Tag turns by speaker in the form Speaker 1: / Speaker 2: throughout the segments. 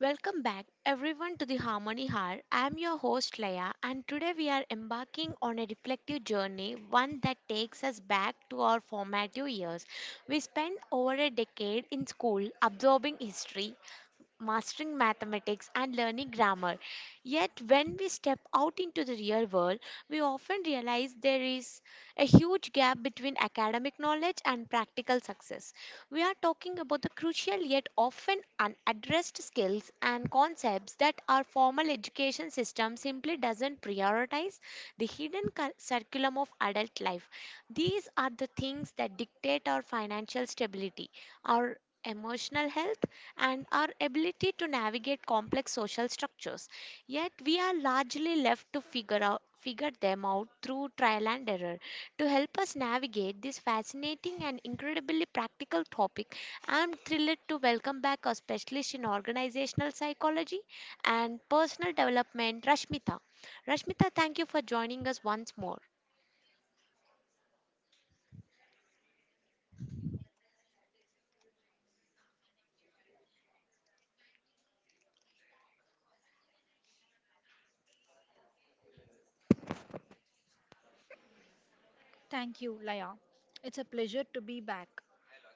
Speaker 1: Welcome back, everyone, to the Harmony Hour. I'm your host, Leia, and today we are embarking on a reflective journey, one that takes us back to our formative years. We spent over a decade in school absorbing history, mastering mathematics and learning grammar. Yet, when we step out into the real world, we often realize there is a huge gap between academic knowledge and practical success. We are talking about the crucial yet often unaddressed skills and concepts that our formal education system simply doesn't prioritize, the curriculum of adult life. These are the things that dictate our financial stability, our emotional health, and our ability to navigate complex social structures. Yet we are largely left to figure them out through trial and error. To help us navigate this fascinating and incredibly practical topic, I'm thrilled to welcome back a specialist in organizational psychology and personal development, Rashmita. Rashmita, thank you for joining us once more.
Speaker 2: Thank you, Laya. It's a pleasure to be back.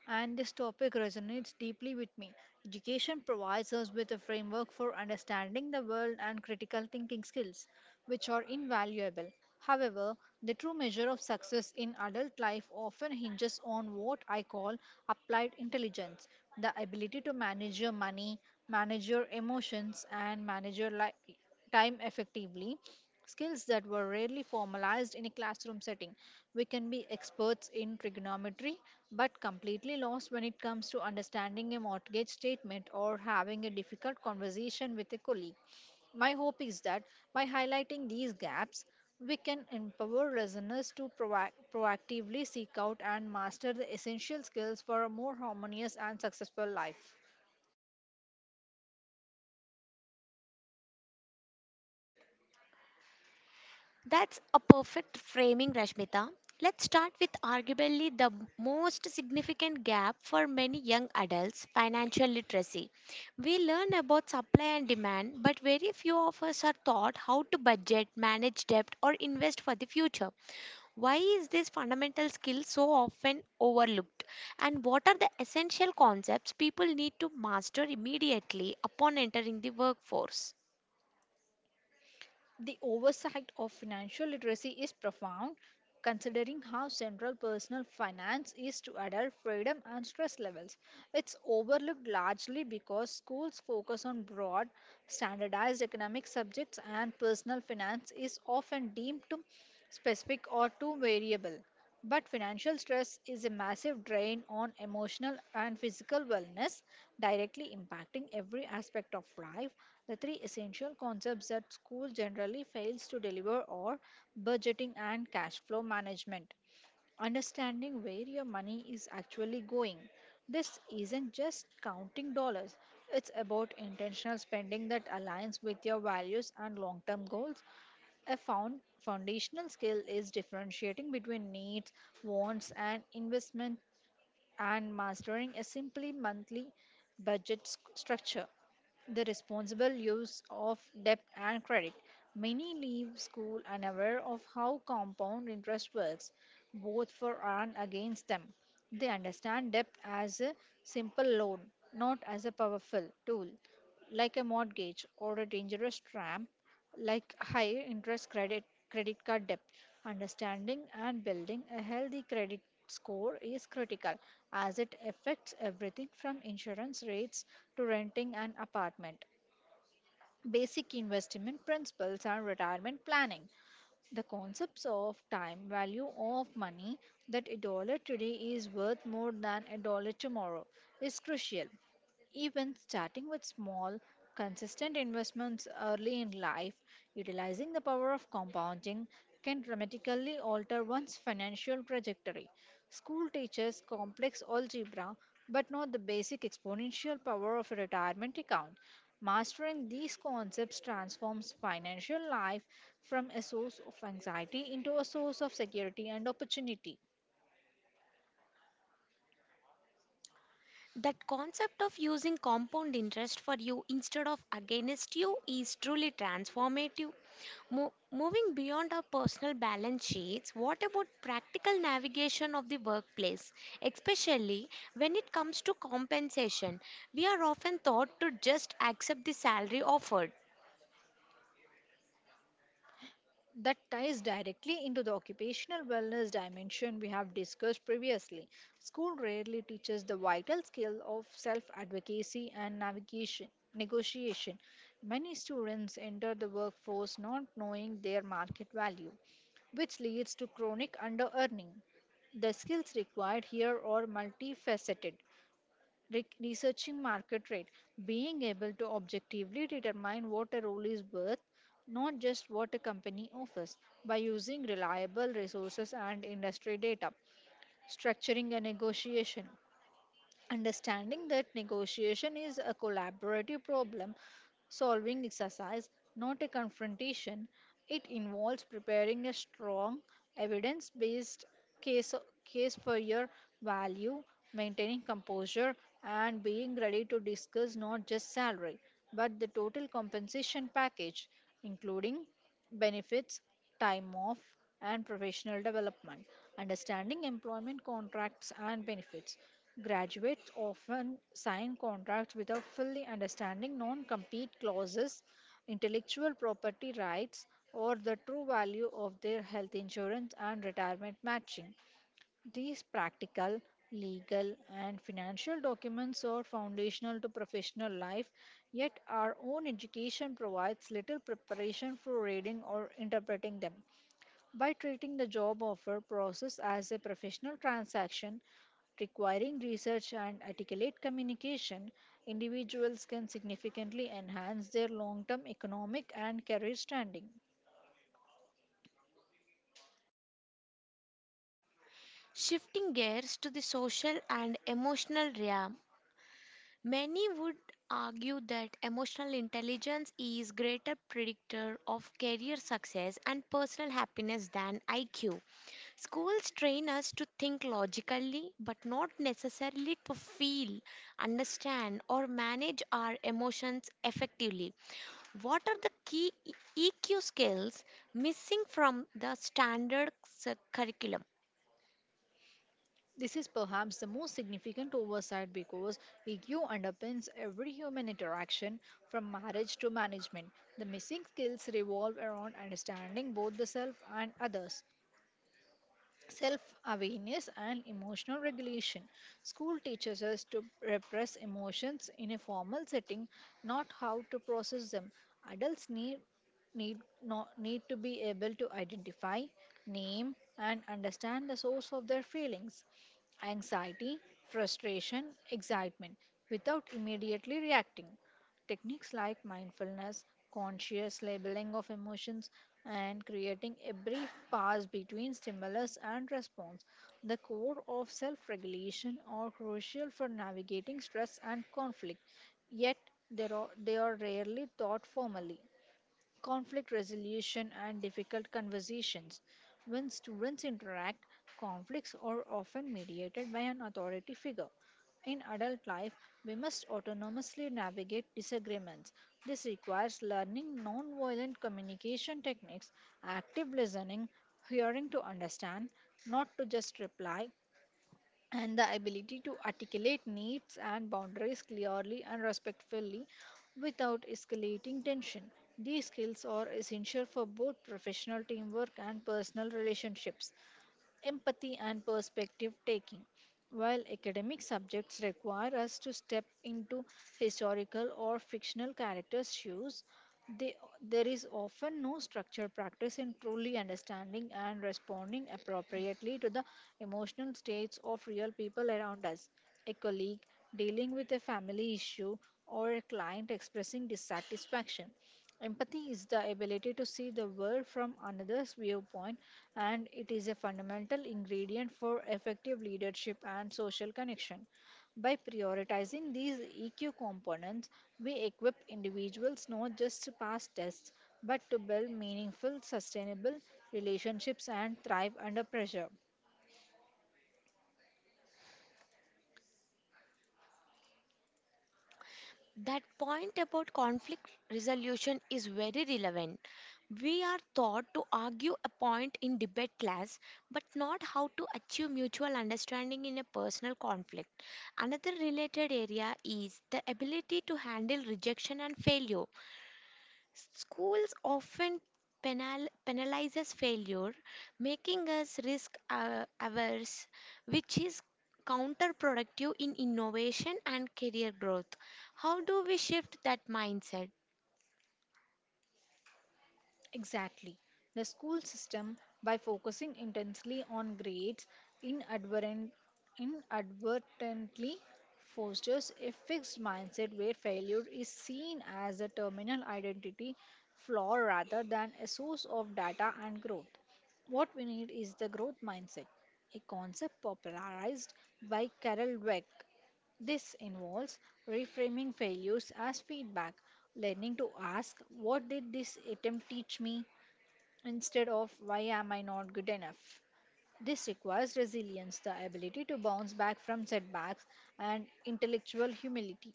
Speaker 2: And this topic resonates deeply with me. Education provides us with a framework for understanding the world and critical thinking skills, which are invaluable. However, the true measure of success in adult life often hinges on what I call applied intelligence, the ability to manage your money, manage your emotions, and manage your time effectively, skills that were rarely formalized in a classroom setting. We can be experts in trigonometry, but completely lost when it comes to understanding a mortgage statement or having a difficult conversation with a colleague. My hope is that by highlighting these gaps, we can empower listeners to proactively seek out and master the essential skills for a more harmonious and successful life.
Speaker 1: That's a perfect framing, Rashmita. Let's start with arguably the most significant gap for many young adults: financial literacy. We learn about supply and demand, but very few of us are taught how to budget, manage debt, or invest for the future. Why is this fundamental skill so often overlooked? And what are the essential concepts people need to master immediately upon entering the workforce?
Speaker 2: The oversight of financial literacy is profound, considering how central personal finance is to adult freedom and stress levels. It's overlooked largely because schools focus on broad, standardized economic subjects, and personal finance is often deemed too specific or too variable. But financial stress is a massive drain on emotional and physical wellness, directly impacting every aspect of life. The three essential concepts that school generally fails to deliver are budgeting and cash flow management. Understanding where your money is actually going. This isn't just counting dollars, it's about intentional spending that aligns with your values and long term goals. A foundational skill is differentiating between needs, wants, and investment, and mastering a simply monthly structure. The responsible use of debt and credit. Many leave school unaware of how compound interest works, both for and against them. They understand debt as a simple loan, not as a powerful tool like a mortgage or a dangerous tramp like high interest credit card debt. Understanding and building a healthy credit score is critical, as it affects everything from insurance rates to renting an apartment. Basic investment principles and retirement planning, the concepts of time, value of money, that a dollar today is worth more than a dollar tomorrow, is crucial. Even starting with small, consistent investments early in life, utilizing the power of compounding can dramatically alter one's financial trajectory. School teaches complex algebra but not the basic exponential power of a retirement account. Mastering these concepts transforms financial life from a source of anxiety into a source of security and opportunity.
Speaker 1: That concept of using compound interest for you instead of against you is truly transformative. Moving beyond our personal balance sheets, what about practical navigation of the workplace? Especially when it comes to compensation, we are often taught to just accept the salary offered.
Speaker 2: That ties directly into the occupational wellness dimension we have discussed previously. School rarely teaches the vital skill of self advocacy and navigation. Negotiation. Many students enter the workforce not knowing their market value, which leads to chronic under earning. The skills required here are multifaceted, researching market rate, being able to objectively determine what a role is worth, not just what a company offers, by using reliable resources and industry data, structuring a negotiation, understanding that negotiation is a collaborative problem solving exercise, not a confrontation. It involves preparing a strong, evidence based case, case for your value, maintaining composure, and being ready to discuss not just salary, but the total compensation package, including benefits, time off, and professional development, understanding employment contracts and benefits. Graduates often sign contracts without fully understanding non compete clauses, intellectual property rights, or the true value of their health insurance and retirement matching. These practical, legal, and financial documents are foundational to professional life, yet our own education provides little preparation for reading or interpreting them. By treating the job offer process as a professional transaction requiring research and articulate communication, individuals can significantly enhance their long term economic and career standing.
Speaker 1: Shifting gears to the social and emotional realm, many would argue that emotional intelligence is greater predictor of career success and personal happiness than IQ. Schools train us to think logically but not necessarily to feel, understand or manage our emotions effectively. What are the key EQ skills missing from the standard curriculum?
Speaker 2: This is perhaps the most significant oversight because EQ underpins every human interaction from marriage to management. The missing skills revolve around understanding both the self and others. Self awareness and emotional regulation. School teaches us to repress emotions in a formal setting, not how to process them. Adults need need not need to be able to identify, name and understand the source of their feelings, anxiety, frustration, excitement, without immediately reacting. Techniques like mindfulness, conscious labeling of emotions, and creating a brief pause between stimulus and response, the core of self regulation, are crucial for navigating stress and conflict, yet they are rarely taught formally. Conflict resolution, and difficult conversations. When students interact, conflicts are often mediated by an authority figure. In adult life, we must autonomously navigate disagreements. This requires learning nonviolent communication techniques, active listening, hearing to understand, not to just reply, and the ability to articulate needs and boundaries clearly and respectfully without escalating tension. These skills are essential for both professional teamwork and personal relationships, empathy and perspective taking. While academic subjects require us to step into historical or fictional characters' shoes, they, there is often no structured practice in truly understanding and responding appropriately to the emotional states of real people around us. A colleague dealing with a family issue or a client expressing dissatisfaction. Empathy is the ability to see the world from another's viewpoint, and it is a fundamental ingredient for effective leadership and social connection. By prioritizing these EQ components, we equip individuals not just to pass tests, but to build meaningful, sustainable relationships and thrive under pressure.
Speaker 1: That point about conflict resolution is very relevant. We are taught to argue a point in debate class, but not how to achieve mutual understanding in a personal conflict. Another related area is the ability to handle rejection and failure. Schools often penalizes failure, making us risk averse, which is counterproductive in innovation and career growth. How do we shift that mindset?
Speaker 2: Exactly. The school system, by focusing intensely on grades, inadvertent, inadvertently fosters a fixed mindset where failure is seen as a terminal identity flaw rather than a source of data and growth. What we need is the growth mindset, a concept popularized by Carol Dweck. This involves reframing failures as feedback, learning to ask, "What did this attempt teach me?" instead of "Why am I not good enough?" This requires resilience, the ability to bounce back from setbacks, and intellectual humility,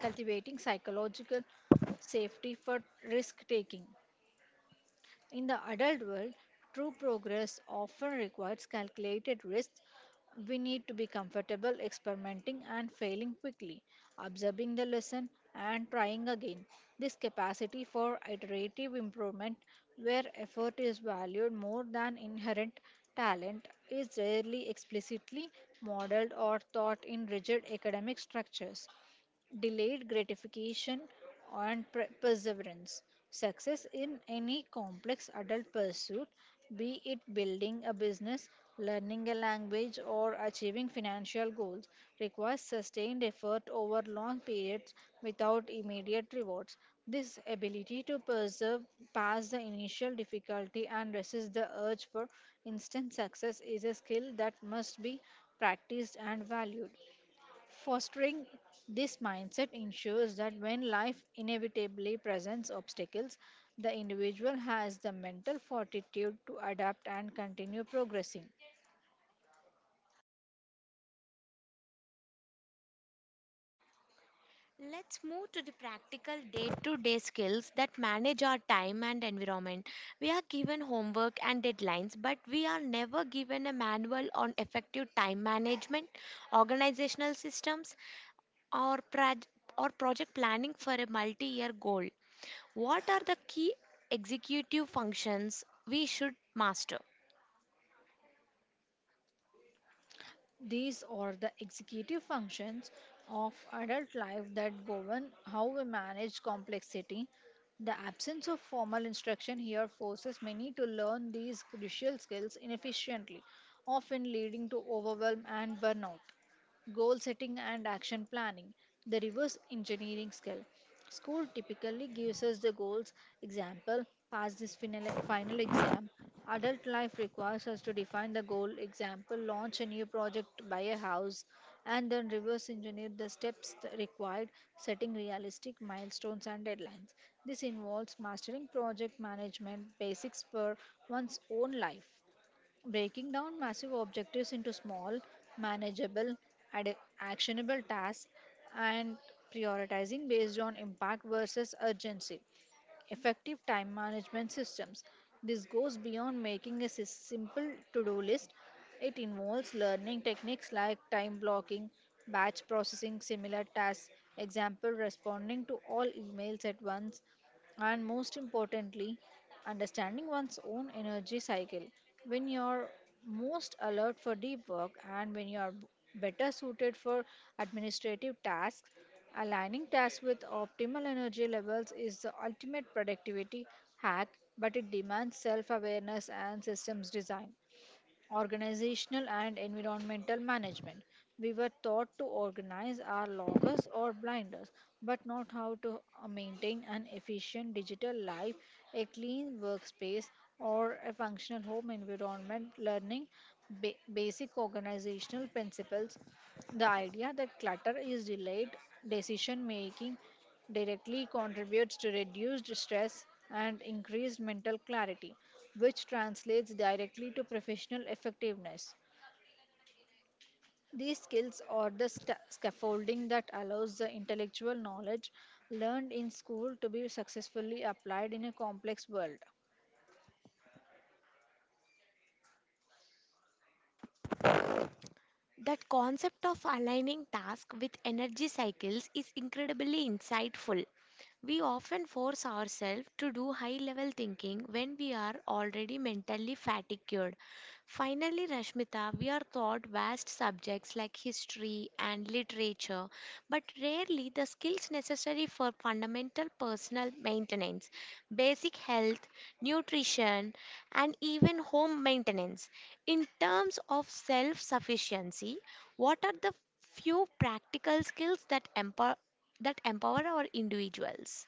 Speaker 2: cultivating psychological safety for risk taking. In the adult world, true progress often requires calculated risks. We need to be comfortable experimenting and failing quickly, observing the lesson and trying again. This capacity for iterative improvement, where effort is valued more than inherent talent, is rarely explicitly modeled or taught in rigid academic structures. Delayed gratification, and perseverance. Success in any complex adult pursuit, be it building a business, learning a language, or achieving financial goals, requires sustained effort over long periods without immediate rewards. This ability to persevere past the initial difficulty and resist the urge for instant success is a skill that must be practiced and valued. Fostering this mindset ensures that when life inevitably presents obstacles, the individual has the mental fortitude to adapt and continue progressing.
Speaker 1: Let's move to the practical day to day skills that manage our time and environment. We are given homework and deadlines, but we are never given a manual on effective time management, organizational systems, or, proj- or project planning for a multi year goal. What are the key executive functions we should master?
Speaker 2: These are the executive functions of adult life that govern how we manage complexity. The absence of formal instruction here forces many to learn these crucial skills inefficiently, often leading to overwhelm and burnout. Goal setting and action planning, the reverse engineering skill. School typically gives us the goals, example, pass this final exam. Adult life requires us to define the goal, example, launch a new project, buy a house, and then reverse engineer the steps required, setting realistic milestones and deadlines. This involves mastering project management basics for one's own life. Breaking down massive objectives into small, manageable, actionable tasks, and prioritizing based on impact versus urgency. Effective time management systems. This goes beyond making a simple to do list. It involves learning techniques like time blocking, batch processing similar tasks, example, responding to all emails at once, and most importantly, understanding one's own energy cycle. When you're most alert for deep work and when you're better suited for administrative tasks, aligning tasks with optimal energy levels is the ultimate productivity hack, but it demands self awareness and systems design. Organizational and environmental management. We were taught to organize our loggers or blinders, but not how to maintain an efficient digital life, a clean workspace, or a functional home environment. Learning basic organizational principles, the idea that clutter is delayed decision making, directly contributes to reduced stress and increased mental clarity, which translates directly to professional effectiveness. These skills are the sta scaffolding that allows the intellectual knowledge learned in school to be successfully applied in a complex world.
Speaker 1: That concept of aligning task with energy cycles is incredibly insightful. We often force ourselves to do high level thinking when we are already mentally fatigued. Finally, Rashmita, we are taught vast subjects like history and literature, but rarely the skills necessary for fundamental personal maintenance, basic health, nutrition, and even home maintenance. In terms of self sufficiency, what are the few practical skills that empower our individuals?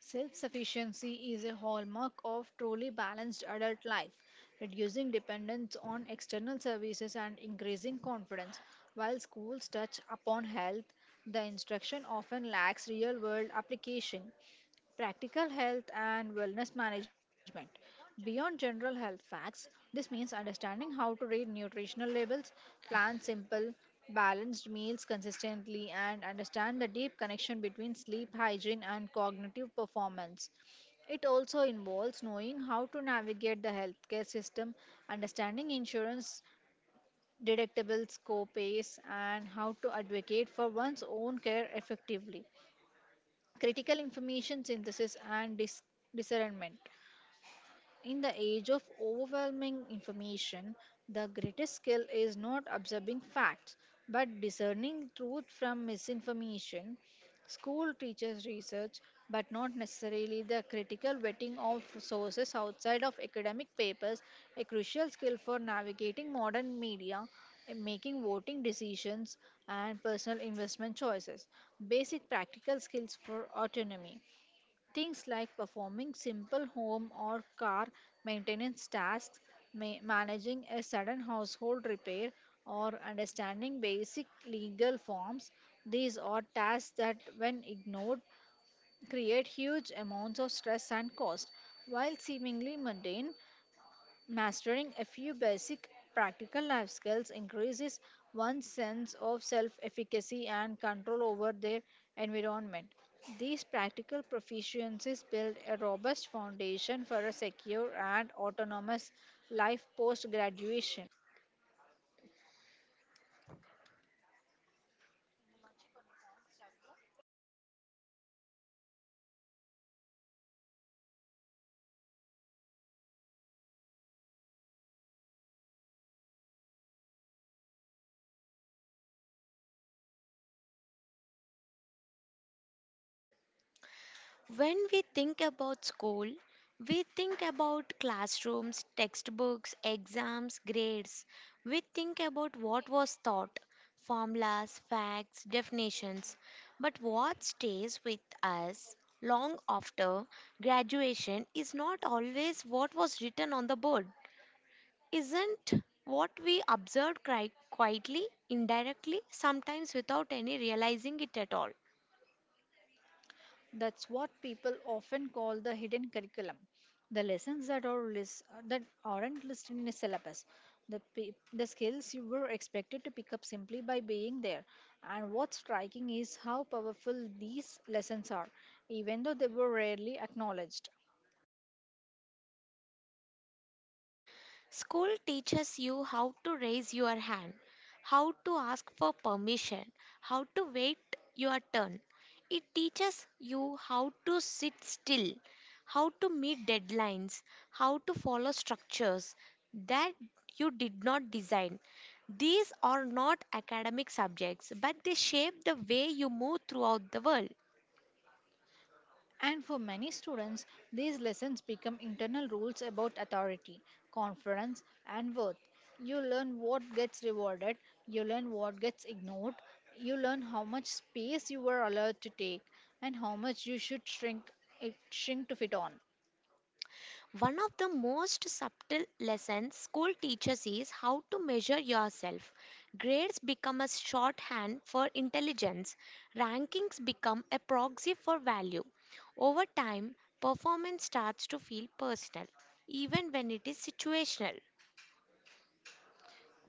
Speaker 2: Self sufficiency is a hallmark of truly balanced adult life, reducing dependence on external services and increasing confidence. While schools touch upon health, the instruction often lacks real world application. Practical health and wellness management. Beyond general health facts, this means understanding how to read nutritional labels, plan simple, balanced meals consistently, and understand the deep connection between sleep hygiene and cognitive performance. It also involves knowing how to navigate the healthcare system, understanding insurance deductibles, co-pays, and how to advocate for one's own care effectively. Critical information synthesis and discernment. In the age of overwhelming information, the greatest skill is not observing facts but discerning truth from misinformation. School teaches research but not necessarily the critical vetting of sources outside of academic papers, a crucial skill for navigating modern media, in making voting decisions, and personal investment choices. Basic practical skills for autonomy. Things like performing simple home or car maintenance tasks, managing a sudden household repair, or understanding basic legal forms. These are tasks that, when ignored, create huge amounts of stress and cost. While seemingly mundane, mastering a few basic practical life skills increases one's sense of self efficacy and control over their environment. These practical proficiencies build a robust foundation for a secure and autonomous life post graduation.
Speaker 1: When we think about school, we think about classrooms, textbooks, exams, grades. We think about what was taught, formulas, facts, definitions. But what stays with us long after graduation is not always what was written on the board, isn't what we observe quietly, indirectly, sometimes without any realizing it at all.
Speaker 2: That's what people often call the hidden curriculum, the lessons that aren't listed in a syllabus, the skills you were expected to pick up simply by being there. And what's striking is how powerful these lessons are, even though they were rarely acknowledged.
Speaker 1: School teaches you how to raise your hand, how to ask for permission, how to wait your turn. It teaches you how to sit still, how to meet deadlines, how to follow structures that you did not design. These are not academic subjects, but they shape the way you move throughout the world.
Speaker 2: And for many students, these lessons become internal rules about authority, confidence, and worth. You learn what gets rewarded, you learn what gets ignored, you learn how much space you were allowed to take, and how much you should shrink to fit on.
Speaker 1: One of the most subtle lessons school teaches is how to measure yourself. Grades become a shorthand for intelligence, rankings become a proxy for value. Over time, performance starts to feel personal, even when it is situational.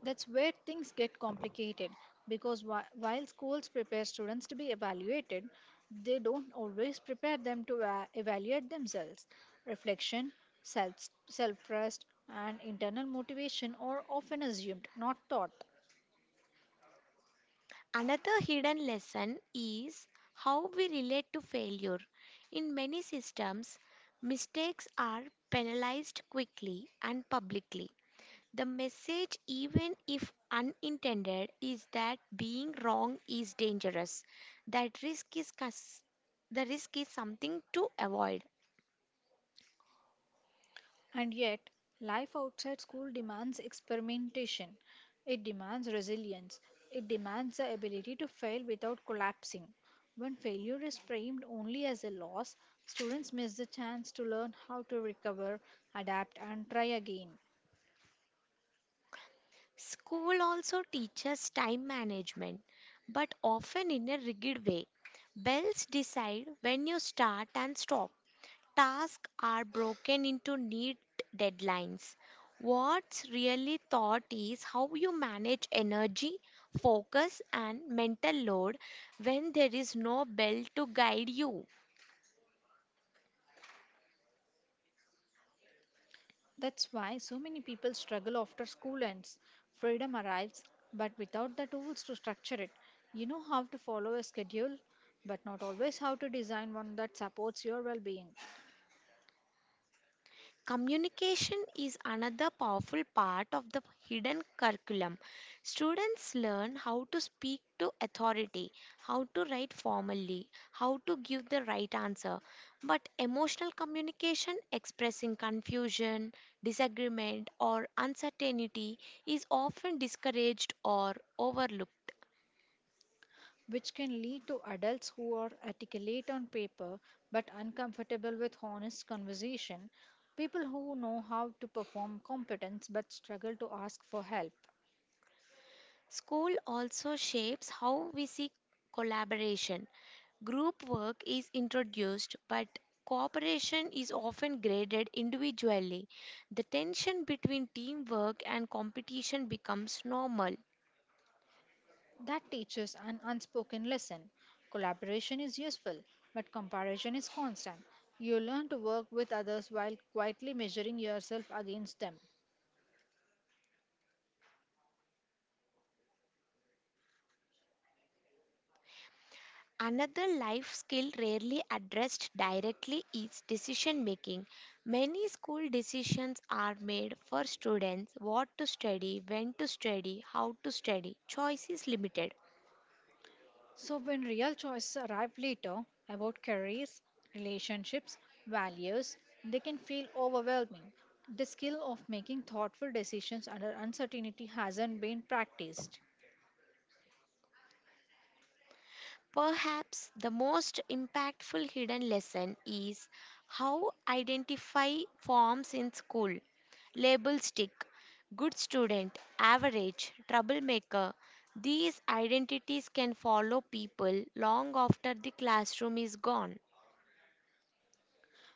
Speaker 2: That's where things get complicated because while schools prepare students to be evaluated, they don't always prepare them to evaluate themselves. Reflection, self self trust, and internal motivation are often assumed, not taught.
Speaker 1: Another hidden lesson is how we relate to failure. In many systems, mistakes are penalized quickly and publicly. The message, even if unintended, is that being wrong is dangerous. That risk is cus- the risk is something to avoid.
Speaker 2: And yet, life outside school demands experimentation. It demands resilience. It demands the ability to fail without collapsing. When failure is framed only as a loss, students miss the chance to learn how to recover, adapt, and try again.
Speaker 1: School also teaches time management, but often in a rigid way. Bells decide when you start and stop. Tasks are broken into neat deadlines. What's really thought is how you manage energy, focus, and mental load when there is no bell to guide you.
Speaker 2: That's why so many people struggle after school ends. Freedom arrives, but without the tools to structure it. You know how to follow a schedule, but not always how to design one that supports your well being.
Speaker 1: Communication is another powerful part of the hidden curriculum. Students learn how to speak to authority, how to write formally, how to give the right answer. But emotional communication, expressing confusion, disagreement, or uncertainty, is often discouraged or overlooked.
Speaker 2: Which can lead to adults who are articulate on paper but uncomfortable with honest conversation, people who know how to perform competence but struggle to ask for help.
Speaker 1: School also shapes how we see collaboration. Group work is introduced, but cooperation is often graded individually. The tension between teamwork and competition becomes normal.
Speaker 2: That teaches an unspoken lesson. Collaboration is useful, but comparison is constant. You learn to work with others while quietly measuring yourself against them.
Speaker 1: Another life skill rarely addressed directly is decision making. Many school decisions are made for students: what to study, when to study, how to study. Choice is limited.
Speaker 2: So, when real choices arrive later about careers, relationships, values, they can feel overwhelming. The skill of making thoughtful decisions under uncertainty hasn't been practiced.
Speaker 1: Perhaps the most impactful hidden lesson is how identify forms in school. Label stick, good student, average, troublemaker. These identities can follow people long after the classroom is gone.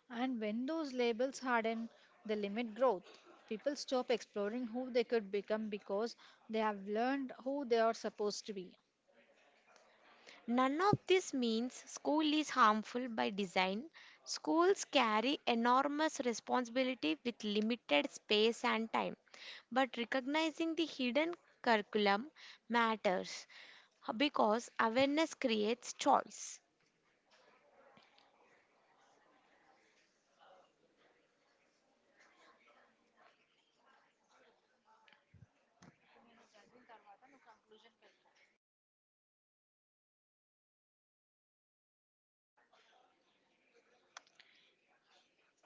Speaker 2: And when those labels harden, they limit growth. People stop exploring who they could become because they have learned who they are supposed to be.
Speaker 1: None of this means school is harmful by design. Schools carry enormous responsibility with limited space and time. But recognizing the hidden curriculum matters because awareness creates choice.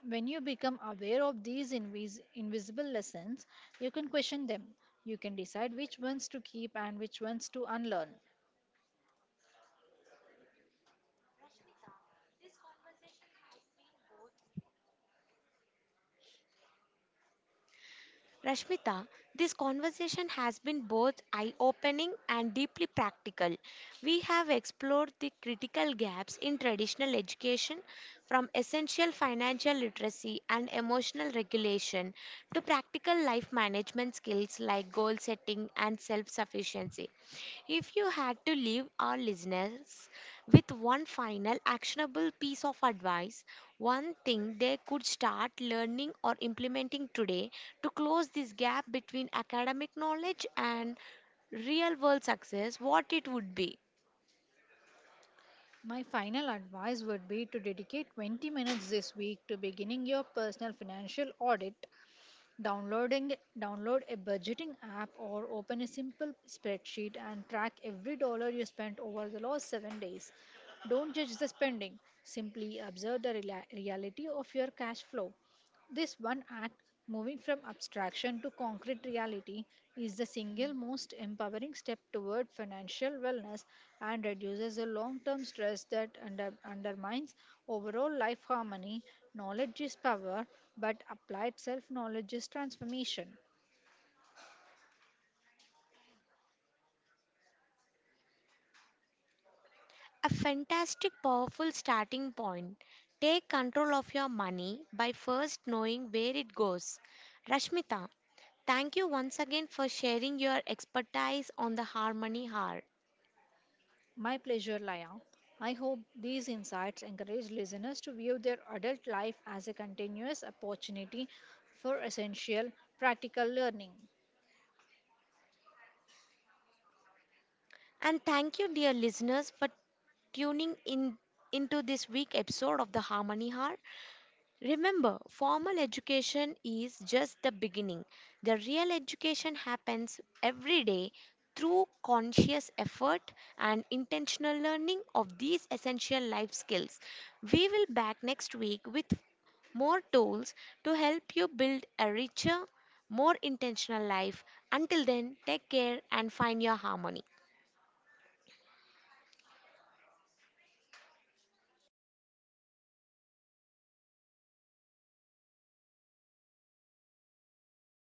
Speaker 2: When you become aware of these invisible lessons, you can question them. You can decide which ones to keep and which ones to unlearn.
Speaker 1: Rashmita, this conversation has been both eye opening and deeply practical. We have explored the critical gaps in traditional education, from essential financial literacy and emotional regulation to practical life management skills like goal setting and self sufficiency. If you had to leave our listeners with one final actionable piece of advice, one thing they could start learning or implementing today to close this gap between academic knowledge and real world success, what it would be?
Speaker 2: My final advice would be to dedicate 20 minutes this week to beginning your personal financial audit, downloading download a budgeting app or open a simple spreadsheet and track every dollar you spent over the last 7 days. Don't judge the spending, simply observe the reality of your cash flow. This one act, moving from abstraction to concrete reality, is the single most empowering step toward financial wellness and reduces the long term stress that undermines overall life harmony. Knowledge is power, but applied self knowledge is transformation.
Speaker 1: A fantastic, powerful starting point. Take control of your money by first knowing where it goes. Rashmita, thank you once again for sharing your expertise on the Harmony Hour.
Speaker 2: My pleasure, Laya. I hope these insights encourage listeners to view their adult life as a continuous opportunity for essential practical learning.
Speaker 1: And thank you, dear listeners, for tuning in into this week episode of the Harmony Hour. Remember, formal education is just the beginning. The real education happens every day through conscious effort and intentional learning of these essential life skills. We will back next week with more tools to help you build a richer, more intentional life. Until then, take care and find your harmony.